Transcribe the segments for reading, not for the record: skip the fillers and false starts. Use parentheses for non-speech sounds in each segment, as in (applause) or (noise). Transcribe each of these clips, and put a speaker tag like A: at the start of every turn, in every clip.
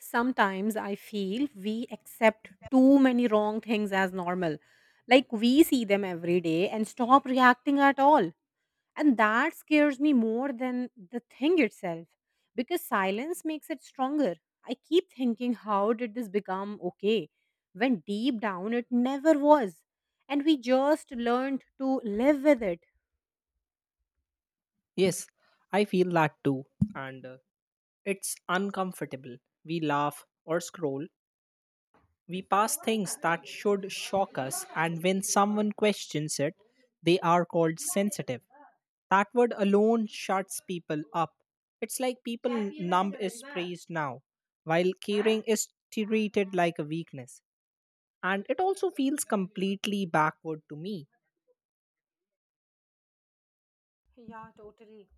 A: Sometimes I feel we accept too many wrong things as normal. Like we see them every day and stop reacting at all. And that scares me more than the thing itself because silence makes it stronger. I keep thinking, how did this become okay? When deep down it never was. And we just learned to live with it.
B: Yes, I feel that too. And It's uncomfortable. We laugh or scroll. We pass things that should shock us, and when someone questions it, they are called sensitive. That word alone shuts people up. It's like people numb is praised now, while caring is treated like a weakness. And it also feels completely backward to me.
A: Yeah, totally.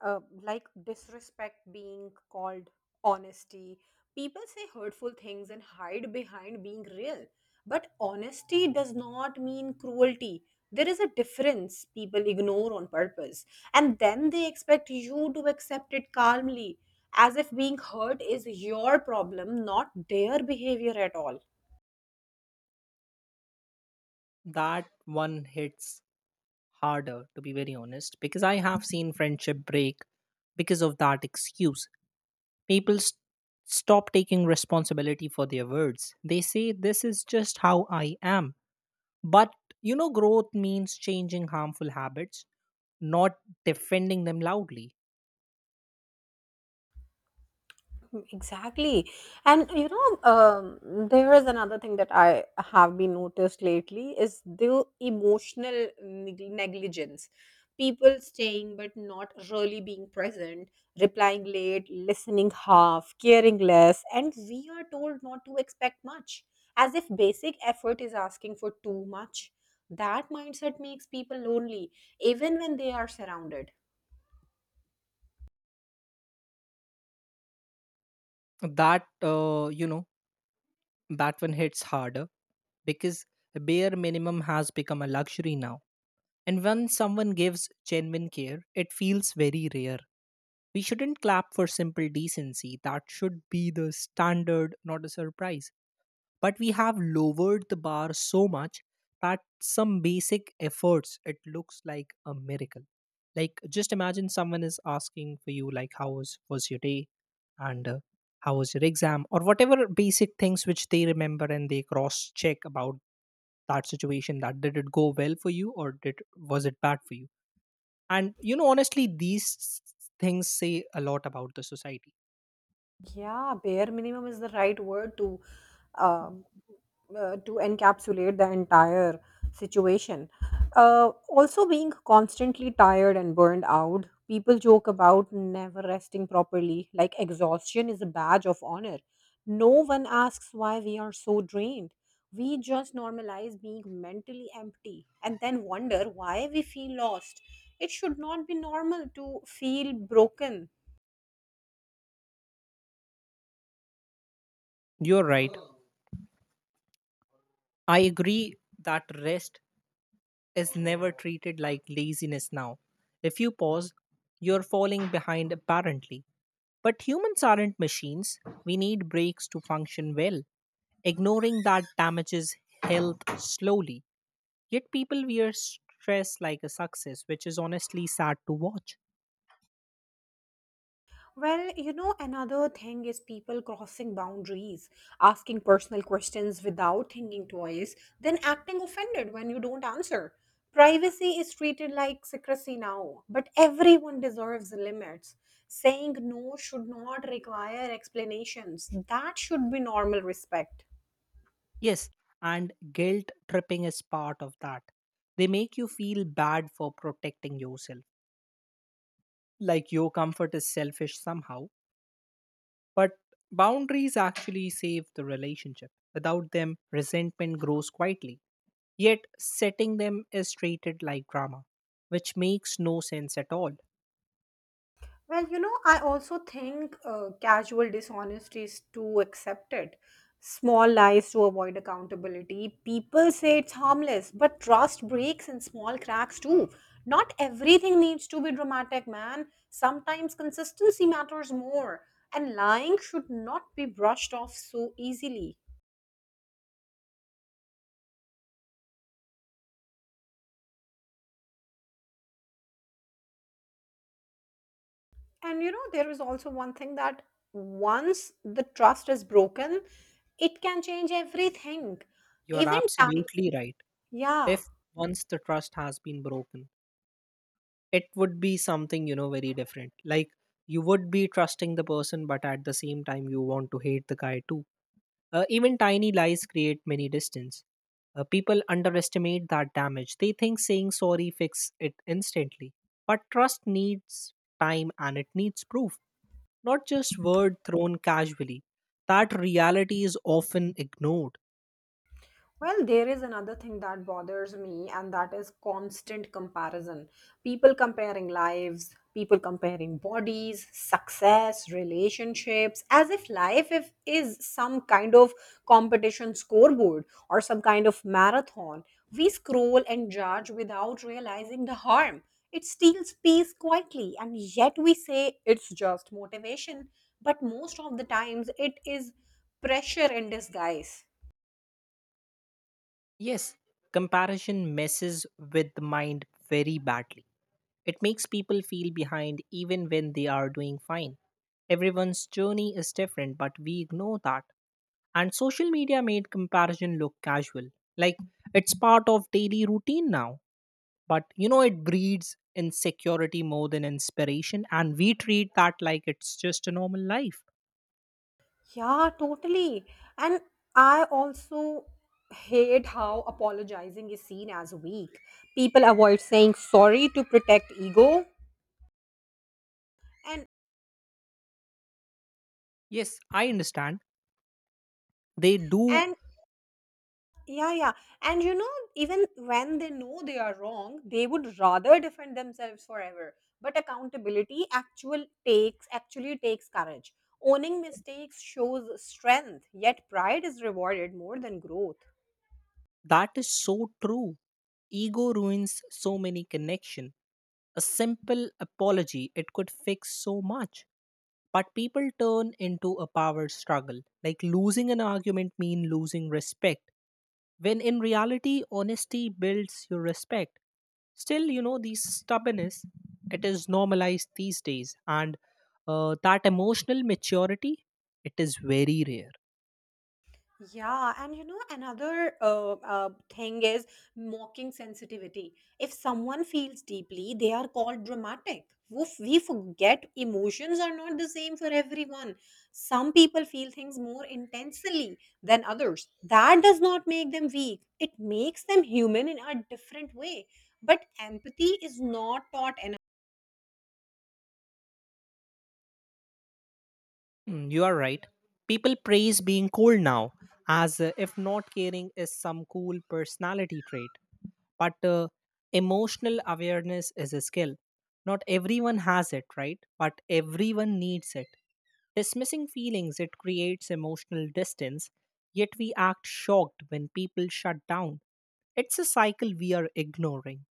A: Like disrespect being called honesty. People say hurtful things and hide behind being real. But honesty does not mean cruelty. There is a difference people ignore on purpose. And then they expect you to accept it calmly, as if being hurt is your problem, not their behavior at all.
B: That one hits harder, to be very honest, because I have seen friendship break because of that excuse. People st- stop taking responsibility for their words. They say, this is just how I am. But, growth means changing harmful habits, not defending them loudly.
A: Exactly. And you know, there is another thing that I have been noticed lately is the emotional negligence. People staying but not really being present, replying late, listening half, caring less, and we are told not to expect much, as if basic effort is asking for too much. That mindset makes people lonely, even when they are surrounded.
B: That, uh, you know, that one hits harder because bare minimum has become a luxury now. And when someone gives genuine care, it feels very rare. We shouldn't clap for simple decency. That should be the standard, not a surprise. But we have lowered the bar so much that some basic efforts, it looks like a miracle. Like, just imagine someone is asking for you, like, was your day? And How was your exam? Or whatever basic things which they remember and they cross check about that situation, that did it go well for you or did was it bad for you, and you know, honestly, things say a lot about the society.
A: Yeah, bare minimum is the right word um, to encapsulate the entire situation. Also, being constantly tired and burned out, people joke about never resting properly. Like exhaustion is a badge of honor. No one asks why we are so drained. We just normalize being mentally empty and then wonder why we feel lost. It should not be normal to feel broken.
B: You're right. I agree that rest is never treated like laziness now. If you pause, you're falling behind apparently. But humans aren't machines. We need breaks to function well. Ignoring that damages health slowly. Yet people wear stress like a success, which is honestly sad to watch.
A: Well, you know, another thing is people crossing boundaries, asking personal questions without thinking twice, then acting offended when you don't answer. Privacy is treated like secrecy now, but everyone deserves limits. Saying no should not require explanations. That should be normal respect.
B: Yes, and guilt tripping is part of that. They make you feel bad for protecting yourself, like your comfort is selfish somehow. But boundaries actually save the relationship. Without them, resentment grows quietly. Yet, setting them is treated like drama, which makes no sense at all.
A: Well, you know, I also think casual dishonesty is too accepted. Small lies to avoid accountability. People say it's harmless, but trust breaks in small cracks too. Not everything needs to be dramatic, man. Sometimes consistency matters more, and lying should not be brushed off so easily. And you know, there is also one thing that once the trust is broken, it can change everything.
B: You're
A: Even time,
B: absolutely right.
A: yeah.
B: If once the trust has been broken, it would be something, you know, very different. Like, you would be trusting the person, but at the same time, you want to hate the guy too. Even tiny lies create many distance. People underestimate that damage. They think saying sorry fix it instantly. But trust needs time and it needs proof, not just word thrown casually. That reality is often ignored.
A: Well, there is another thing that bothers me, and that is constant comparison. People comparing lives, people comparing bodies, success, relationships, as if life if, is some kind of competition scoreboard or some kind of marathon. We scroll and judge without realizing the harm. It steals peace quietly, and yet we say it's just motivation. But most of the times, it is pressure in disguise.
B: Yes, comparison messes with the mind very badly. It makes people feel behind even when they are doing fine. Everyone's journey is different, but we ignore that. And social media made comparison look casual. Like it's part of daily routine now. But you know, it breeds insecurity more than inspiration, and we treat that like it's just a normal life.
A: Yeah, totally. And I also hate how apologizing is seen as weak. People avoid saying sorry to protect ego. And
B: Yes, I understand. They do.
A: and yeah, yeah. And you know, even when they know they are wrong, they would rather defend themselves forever. But accountability actual takes actually takes courage. Owning mistakes shows strength, yet pride is rewarded more than growth.
B: That is so true. Ego ruins so many connection. A simple apology, it could fix so much. But people turn into a power struggle. Like losing an argument mean losing respect. When in reality, honesty builds your respect. Still, you know, these stubbornness, it is normalized these days. And That emotional maturity, it is very rare.
A: Yeah, and you know, another thing is mocking sensitivity. If someone feels deeply, they are called dramatic. Woof, we forget emotions are not the same for everyone. Some people feel things more intensely than others. That does not make them weak, it makes them human in a different way. But empathy is not taught.
B: Mm, you are right. People praise being cool now, as if not caring is some cool personality trait. But emotional awareness is a skill. Not everyone has it, right? But everyone needs it. Dismissing feelings, it creates emotional distance, yet we act shocked when people shut down. It's a cycle we are ignoring.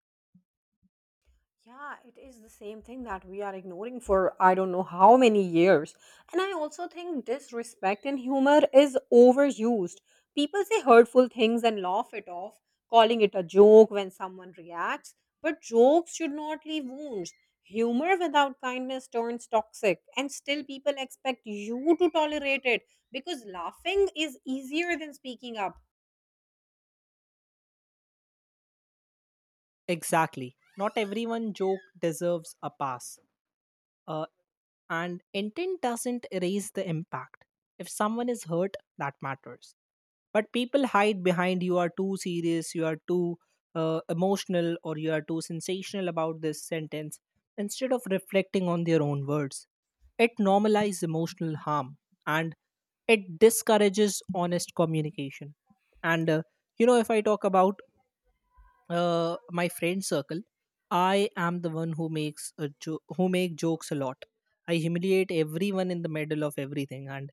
A: Yeah, it is the same thing that we are ignoring for I don't know how many years. And I also think disrespect and humor is overused. People say hurtful things and laugh it off, calling it a joke when someone reacts. But jokes should not leave wounds. Humor without kindness turns toxic, and still people expect you to tolerate it because laughing is easier than speaking up.
B: Exactly. Not everyone joke deserves a pass. Uh, and intent doesn't erase the impact. If someone is hurt, that matters. But people hide behind, you are too serious, you are too emotional, or you are too sensational about this sentence, instead of reflecting on their own words. It normalizes emotional harm and it discourages honest communication. And you know If I talk about my friend circle, I am the one who who make jokes a lot. I humiliate everyone in the middle of everything, and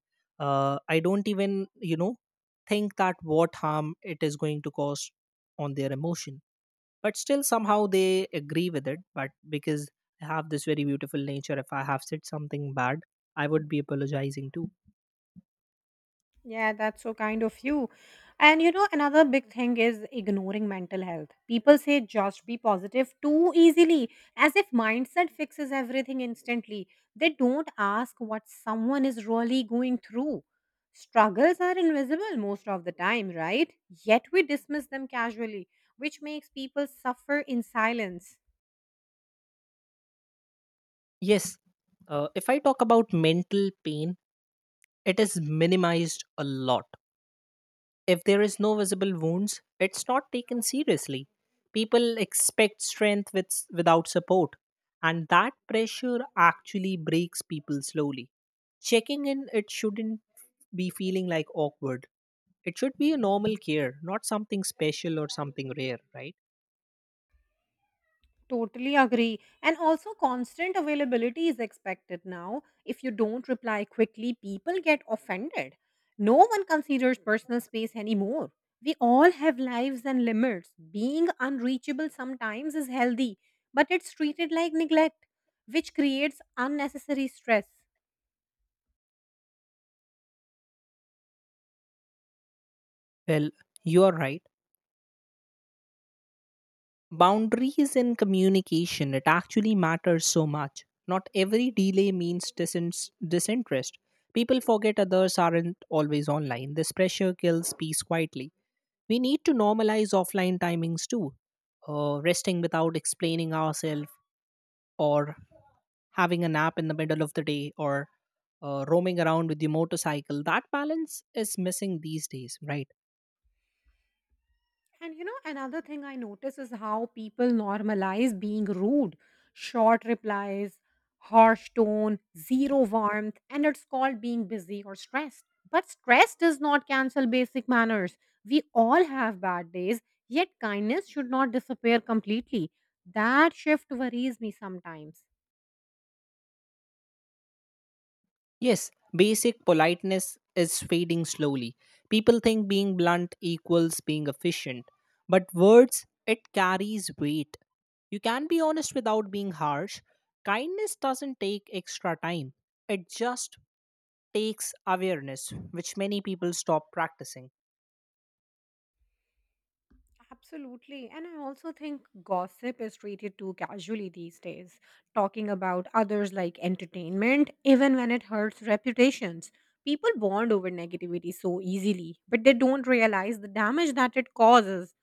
B: I don't even, think that what harm it is going to cause on their emotion. But still somehow they agree with it, but because I have this very beautiful nature, if I have said something bad, I would be apologizing too.
A: Yeah, that's so kind of you. And you know, another big thing is ignoring mental health. People say just be positive too easily, as if mindset fixes everything instantly. They don't ask what someone is really going through. Struggles are invisible most of the time, right? Yet we dismiss them casually, which makes people suffer in silence.
B: Yes. If I talk about mental pain, it is minimized a lot. If there is no visible wounds, it's not taken seriously. People expect strength with, without support, and that pressure actually breaks people slowly. Checking in, it shouldn't be feeling like awkward. It should be a normal care, not something special or something rare, right?
A: Totally agree. And also, constant availability is expected now. If you don't reply quickly, people get offended. No one considers personal space anymore. We all have lives and limits. Being unreachable sometimes is healthy, but it's treated like neglect, which creates unnecessary stress.
B: Well, you are right. Boundaries in communication, it actually matters so much. Not every delay means disinterest. People forget others aren't always online. This pressure kills peace quietly. We need to normalize offline timings too. Resting without explaining ourselves, or having a nap in the middle of the day, or roaming around with your motorcycle. That balance is missing these days, right?
A: And you know, another thing I notice is how people normalize being rude. Short replies, harsh tone, zero warmth, and it's called being busy or stressed. But stress does not cancel basic manners. We all have bad days, yet kindness should not disappear completely. That shift worries me sometimes.
B: Yes, basic politeness is fading slowly. People think being blunt equals being efficient, but words, it carries weight. You can be honest without being harsh. Kindness doesn't take extra time, it just takes awareness, which many people stop practicing.
A: Absolutely. And I also think gossip is treated too casually these days, talking about others like entertainment, even when it hurts reputations. People bond over negativity so easily, but they don't realize the damage that it causes.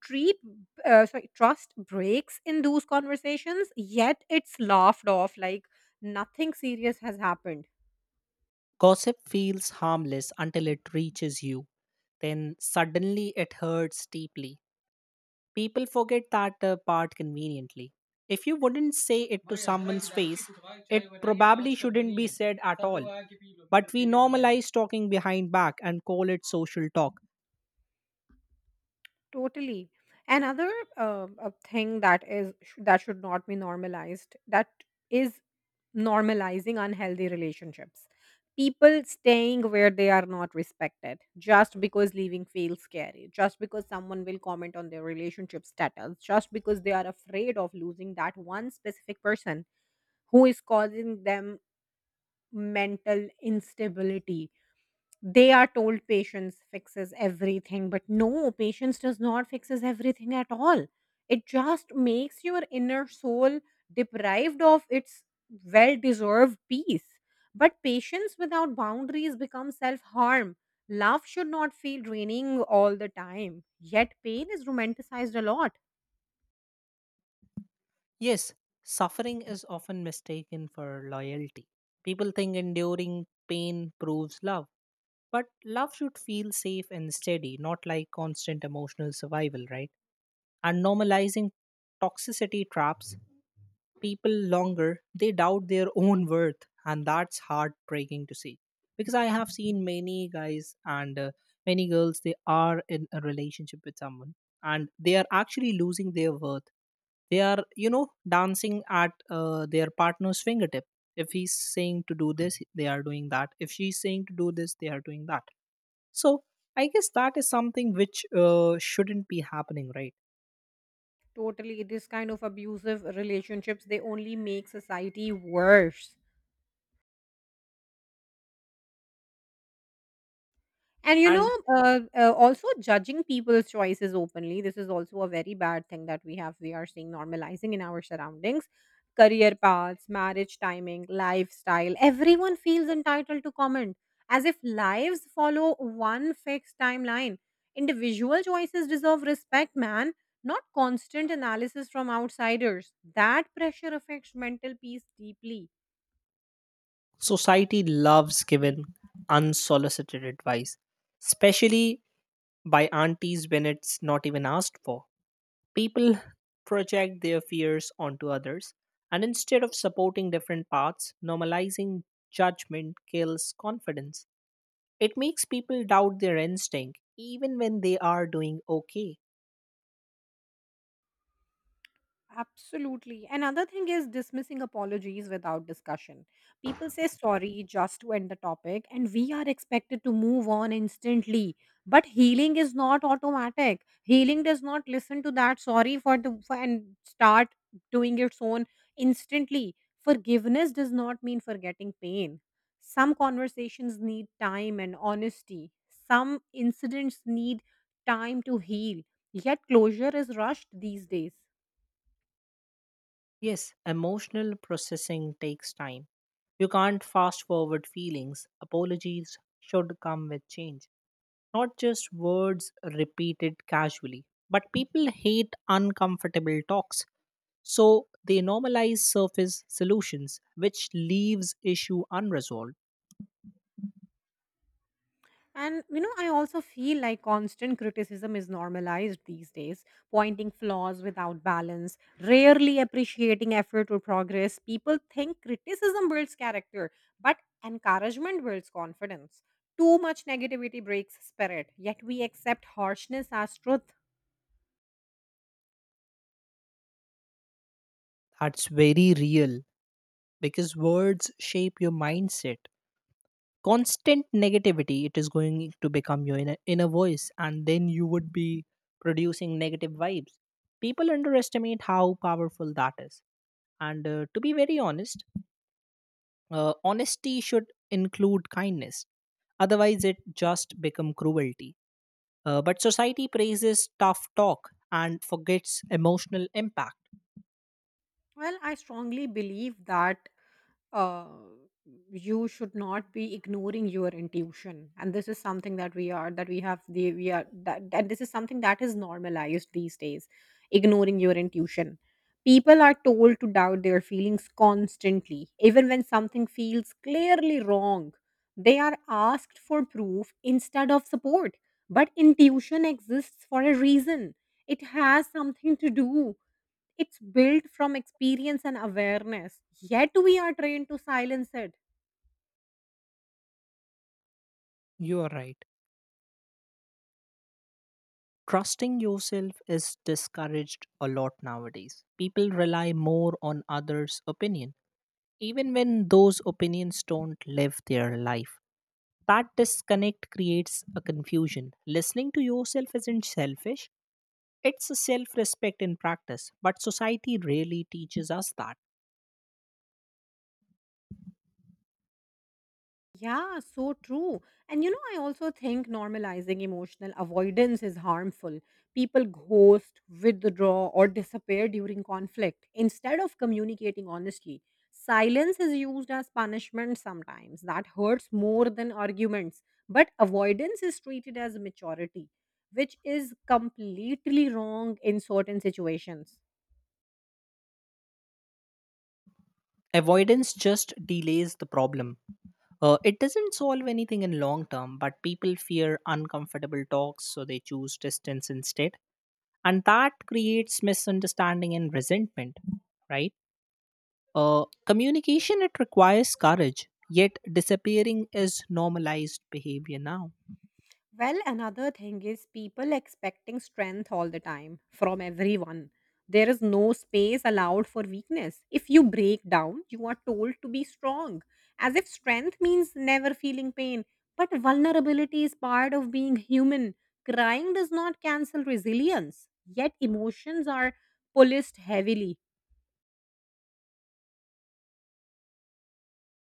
A: Treat, Trust breaks in those conversations, yet it's laughed off like nothing serious has happened.
B: Gossip feels harmless until it reaches you, then suddenly it hurts deeply. People forget that part conveniently. If you wouldn't say it to someone's (laughs) face, it probably shouldn't be said at all. But we normalize talking behind back and call it social talk.
A: Totally. Another thing that is that should not be normalized that is normalizing unhealthy relationships. People staying where they are not respected just because leaving feels scary, just because someone will comment on their relationship status, just because they are afraid of losing that one specific person who is causing them mental instability. They are told patience fixes everything, but no, patience does not fixes everything at all. It just makes your inner soul deprived of its well deserved peace. But patience without boundaries becomes self harm. Love should not feel draining all the time, yet pain is romanticized a lot.
B: Yes, suffering is often mistaken for loyalty. People think enduring pain proves love. But love should feel safe and steady, not like constant emotional survival, right? And normalizing toxicity traps people longer, they doubt their own worth, and that's heartbreaking to see. Because I have seen many guys, and many girls, they are in a relationship with someone and they are actually losing their worth. They are, you know, dancing at their partner's fingertip. If he's saying to do this, they are doing that. If she's saying to do this, they are doing that. So I guess that is something which shouldn't be happening, right?
A: Totally, this kind of abusive relationships, they only make society worse. And you know,
B: And.
A: also judging people's choices openly, this is also a very bad thing that we are seeing normalizing in our surroundings. Career paths, marriage timing, lifestyle, everyone feels entitled to comment as if lives follow one fixed timeline. Individual choices deserve respect, man, not constant analysis from outsiders. That pressure affects mental peace deeply.
B: Society loves giving unsolicited advice, especially by aunties when it's not even asked for. People project their fears onto others, and instead of supporting different paths, normalizing judgment kills confidence. It makes people doubt their instinct even when they are doing okay.
A: Absolutely. Another thing is dismissing apologies without discussion. People say sorry just to end the topic, and we are expected to move on instantly. But healing is not automatic. Healing does not listen to that sorry and start doing its own instantly. Forgiveness does not mean forgetting pain. Some conversations need time and honesty. Some incidents need time to heal. Yet closure is rushed these days.
B: Yes, emotional processing takes time. You can't fast forward feelings. Apologies should come with change, not just words repeated casually. But people hate uncomfortable talks, so they normalize surface solutions, which leaves issue unresolved.
A: And you know, I also feel like constant criticism is normalized these days, pointing flaws without balance, rarely appreciating effort or progress. People think criticism builds character, but encouragement builds confidence. Too much negativity breaks spirit, yet we accept harshness as truth.
B: That's very real, because words shape your mindset. Constant negativity, it is going to become your inner voice, and then you would be producing negative vibes. People underestimate how powerful that is. And to be very honest, honesty should include kindness, otherwise it just become cruelty. But society praises tough talk and forgets emotional impact.
A: Well, I strongly believe that uh, you should not be ignoring your intuition, and this is something that we are that we have the we are that, that this is something that is normalized these days: ignoring your intuition. People are told to doubt their feelings constantly, even when something feels clearly wrong. They are asked for proof instead of support. But intuition exists for a reason. It has something to do, it's built from experience and awareness, yet we are trained to silence it.
B: You are right. Trusting yourself is discouraged a lot nowadays. People rely more on others' opinion, even when those opinions don't live their life. That disconnect creates a confusion. Listening to yourself isn't selfish, it's a self respect in practice, but society rarely teaches us that.
A: Yeah, so true. And you know, I also think normalizing emotional avoidance is harmful. People ghost, withdraw, or disappear during conflict instead of communicating honestly. Silence is used as punishment sometimes. That hurts more than arguments. But avoidance is treated as maturity, which is completely wrong in certain situations.
B: Avoidance just delays the problem. It doesn't solve anything in long term, but people fear uncomfortable talks, so they choose distance instead. And that creates misunderstanding and resentment, right? Communication, it requires courage, yet disappearing is normalized behavior now.
A: Well, another thing is people expecting strength all the time from everyone. There is no space allowed for weakness. If you break down, you are told to be strong, as if strength means never feeling pain. But vulnerability is part of being human. Crying does not cancel resilience, yet emotions are policed heavily.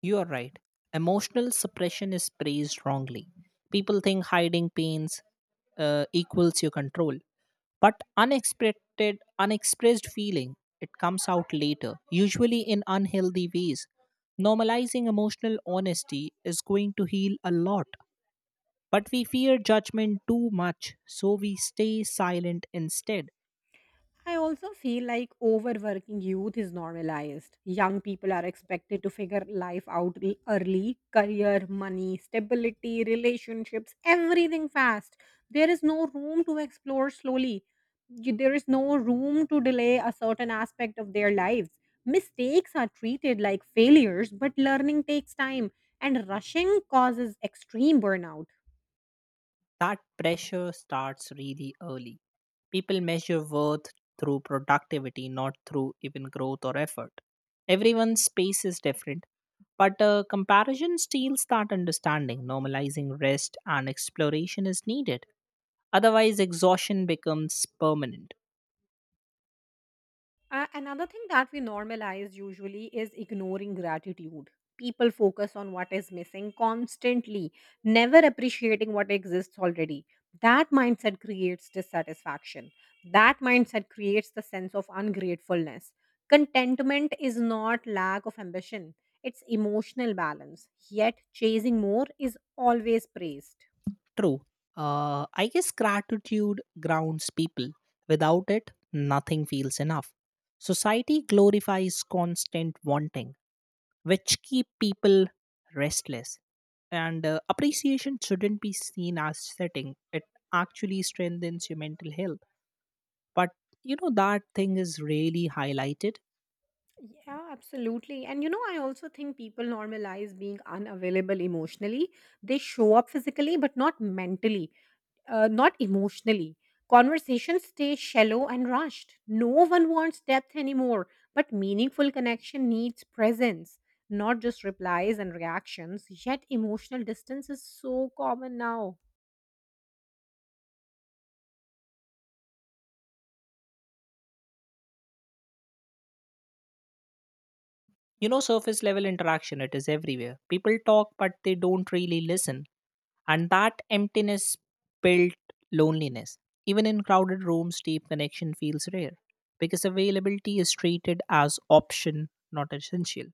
B: You are right. Emotional suppression is praised wrongly. People think hiding pains equals your control, but unexpressed feeling it comes out later, usually in unhealthy ways. Normalizing emotional honesty is going to heal a lot, but we fear judgment too much, so we stay silent instead.
A: I also feel like overworking youth is normalized. Young people are expected to figure life out early, career, money, stability, relationships, everything fast. There is no room to explore slowly. There is no room to delay a certain aspect of their lives. Mistakes are treated like failures, but learning takes time, and rushing causes extreme burnout.
B: That pressure starts really early. People measure worth through productivity, not through even growth or effort. Everyone's space is different, but comparison steals that understanding. Normalizing rest and exploration is needed. Otherwise, exhaustion becomes permanent.
A: Another thing that we normalize usually is ignoring gratitude. People focus on what is missing constantly, never appreciating what exists already. That mindset creates dissatisfaction. That mindset creates the sense of ungratefulness. Contentment is not lack of ambition, it's emotional balance. Yet chasing more is always praised.
B: True. I guess gratitude grounds people. Without it, nothing feels enough. Society glorifies constant wanting, which keep people restless. And appreciation shouldn't be seen as setting. It actually strengthens your mental health. But you know that thing is really highlighted.
A: Yeah, absolutely. And you know, I also think people normalize being unavailable emotionally. They show up physically, but not mentally, not emotionally. Conversations stay shallow and rushed. No one wants depth anymore, but meaningful connection needs presence, not just replies and reactions. Yet emotional distance is so common now.
B: You know, surface level interaction, it is everywhere. People talk, but they don't really listen. And that emptiness built loneliness. Even in crowded rooms, deep connection feels rare because availability is treated as option, not essential.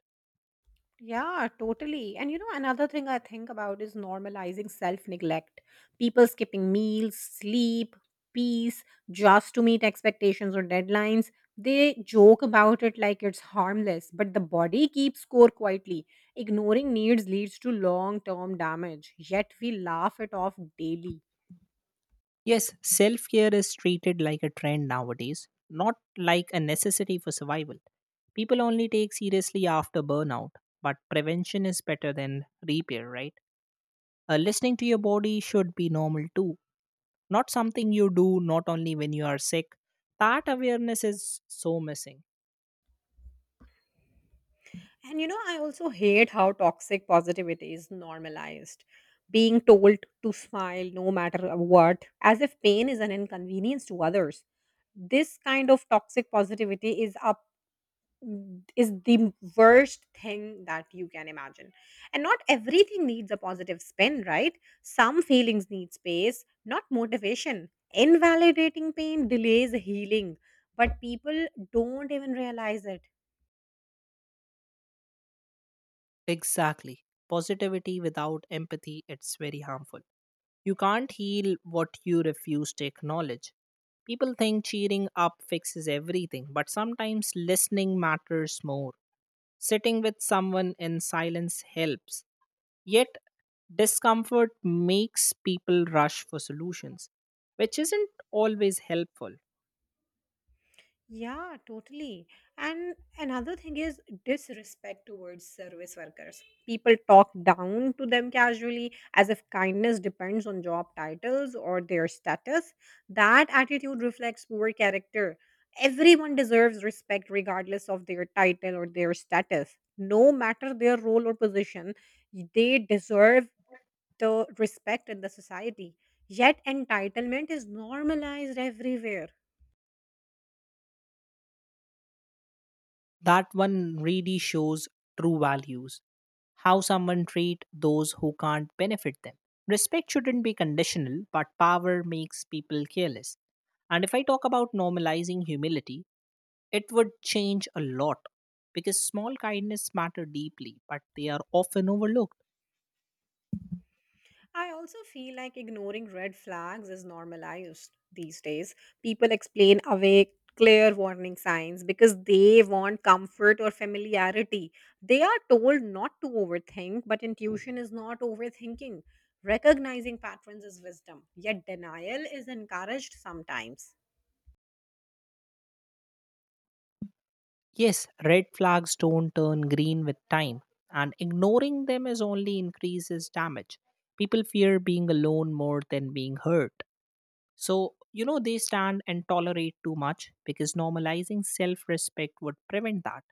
A: Yeah, totally. And you know, another thing I think about is normalizing self neglect. People skipping meals, sleep, peace, just to meet expectations or deadlines. They joke about it like it's harmless, but the body keeps score quietly. Ignoring needs leads to long term damage, yet we laugh it off daily.
B: Yes, self-care is treated like a trend nowadays, not like a necessity for survival. People only take seriously after burnout, but prevention is better than repair, right? Listening to your body should be normal too, not something you do not only when you are sick. That awareness is so missing.
A: And you know, I also hate how toxic positivity is normalized. Being told to smile no matter what, as if pain is an inconvenience to others. This kind of toxic positivity is the worst thing that you can imagine. And not everything needs a positive spin, right? Some feelings need space, not motivation. Invalidating pain delays healing, but people don't even realize it.
B: Exactly. Positivity without empathy, it's very harmful. You can't heal what you refuse to acknowledge. People think cheering up fixes everything, but sometimes listening matters more. Sitting with someone in silence helps. Yet, discomfort makes people rush for solutions, which isn't always helpful.
A: Yeah, totally. And another thing is disrespect towards service workers. People talk down to them casually as if kindness depends on job titles or their status. That attitude reflects poor character. Everyone deserves respect regardless of their title or their status. No matter their role or position, they deserve the respect in the society. Yet entitlement is normalized everywhere.
B: That one really shows true values, how someone treat those who can't benefit them. Respect shouldn't be conditional, but power makes people careless. And if I talk about normalizing humility, it would change a lot, because small kindness matter deeply, but they are often overlooked.
A: I also feel like ignoring red flags is normalized these days. People explain away clear warning signs because they want comfort or familiarity. They are told not to overthink, but intuition is not overthinking. Recognizing patterns is wisdom, yet denial is encouraged sometimes.
B: Yes, red flags don't turn green with time, and ignoring them is only increases damage. People fear being alone more than being hurt. So, you know, they stand and tolerate too much, because normalizing self respect would prevent that.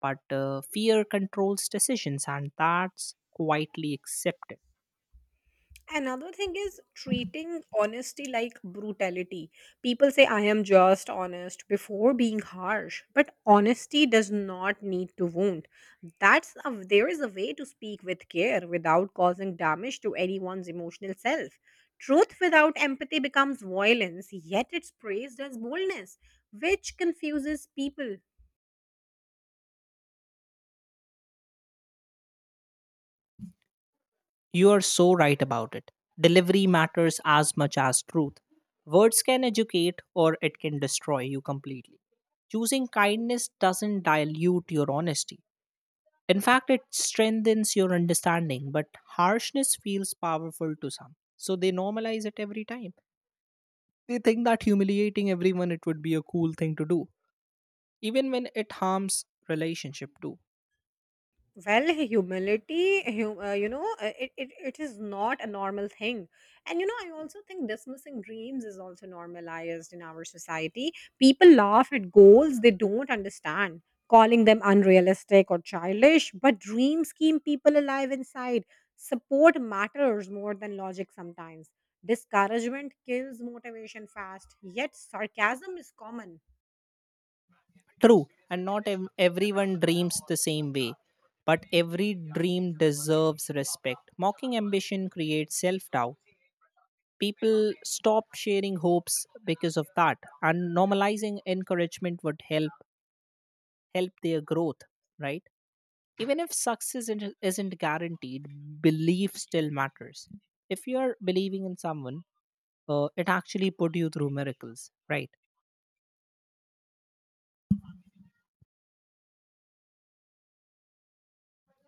B: But fear controls decisions, and that's quietly accepted.
A: Another thing is treating honesty like brutality. People say, I am just honest before being harsh, but honesty does not need to wound. There is a way to speak with care without causing damage to anyone's emotional self. Truth without empathy becomes violence, yet it's praised as boldness, which confuses people.
B: You are so right about it. Delivery matters as much as truth. Words can educate or it can destroy you completely. Choosing kindness doesn't dilute your honesty. In fact, it strengthens your understanding, but harshness feels powerful to some. So they normalize it every time. They think that humiliating everyone it would be a cool thing to do, even when it harms relationship too.
A: Well, you know, it is not a normal thing. And you know, I also think dismissing dreams is also normalized in our society. People laugh at goals they don't understand, calling them unrealistic or childish. But dreams keep people alive inside. Support matters more than logic sometimes. Discouragement kills motivation fast, yet sarcasm is common.
B: True, and not ev- everyone dreams the same way, but every dream deserves respect. Mocking ambition creates self doubt. People stopped sharing hopes because of that, and normalizing encouragement would help their growth, right? Even if success isn't guaranteed, belief still matters. If you're believing in someone, it actually put you through miracles, right?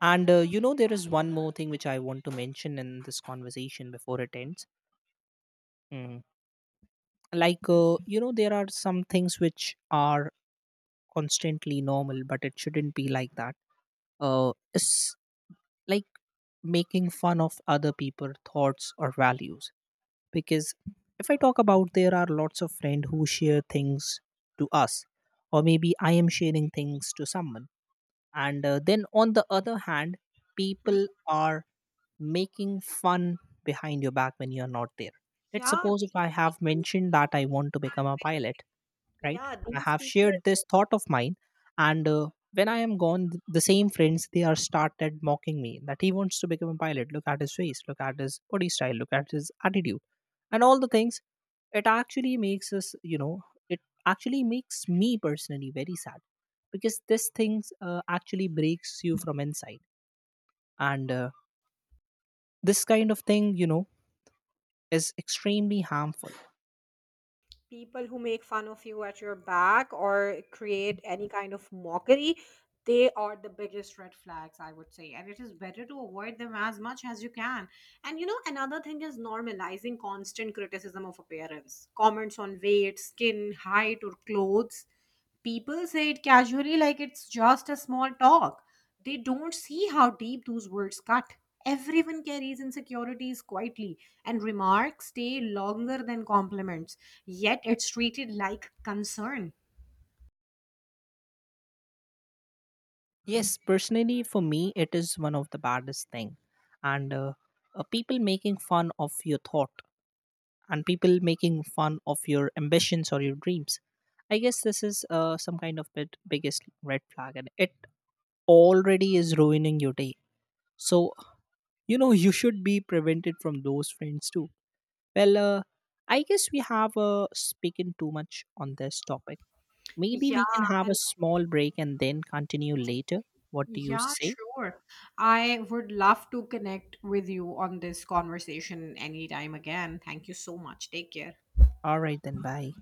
B: And you know, there is one more thing which I want to mention in this conversation before it ends. Mm. Like, you know, there are some things which are constantly normal, but it shouldn't be like that. It's like making fun of other people's thoughts or values, because if I talk about, there are lots of friends who share things to us, or maybe I am sharing things to someone, and then on the other hand
A: Hmm.
B: people are making fun behind your back when you are not there. Let's
A: yeah
B: suppose if
A: these
B: I have
A: people
B: mentioned
A: these
B: that I want to become a pilot,
A: people
B: right?
A: yeah,
B: I
A: these
B: have
A: people
B: shared
A: are
B: this thought of mine, and when I am gone, the same friends they are started mocking me that he wants to become a pilot. Look at his face, look at his body style, look at his attitude, and all the things. It actually makes us, you know, it actually makes me personally very sad, because this things actually breaks you from inside, and this kind of thing, you know, is extremely harmful.
A: people who make fun of you at your back or create any kind of mockery. They are the biggest red flags, I would say. And it is better to avoid them as much as you can. And you know, another thing is normalizing constant criticism of appearance, comments on weight, skin, height, or clothes. People say it casually like it's just a small talk. They don't see how deep those words cut. Everyone carries insecurities quietly, and remarks stay longer than compliments, yet it's treated like concern.
B: Yes, personally, for me, it is one of the baddest thing, and people making fun of your thought and people making fun of your ambitions or your dreams. I guess this is some kind of bit biggest red flag, and it already is ruining your day. So you know, (laughs) you should be prevented from those friends too. Well, I guess we have spoken too much on this topic. Maybe
A: Yeah,
B: we can have a
A: and
B: small break and then continue later. What do you
A: yeah,
B: say?
A: sure. I would love to connect with you on this conversation anytime again. Thank you so much. Take care.
B: Alright then, bye.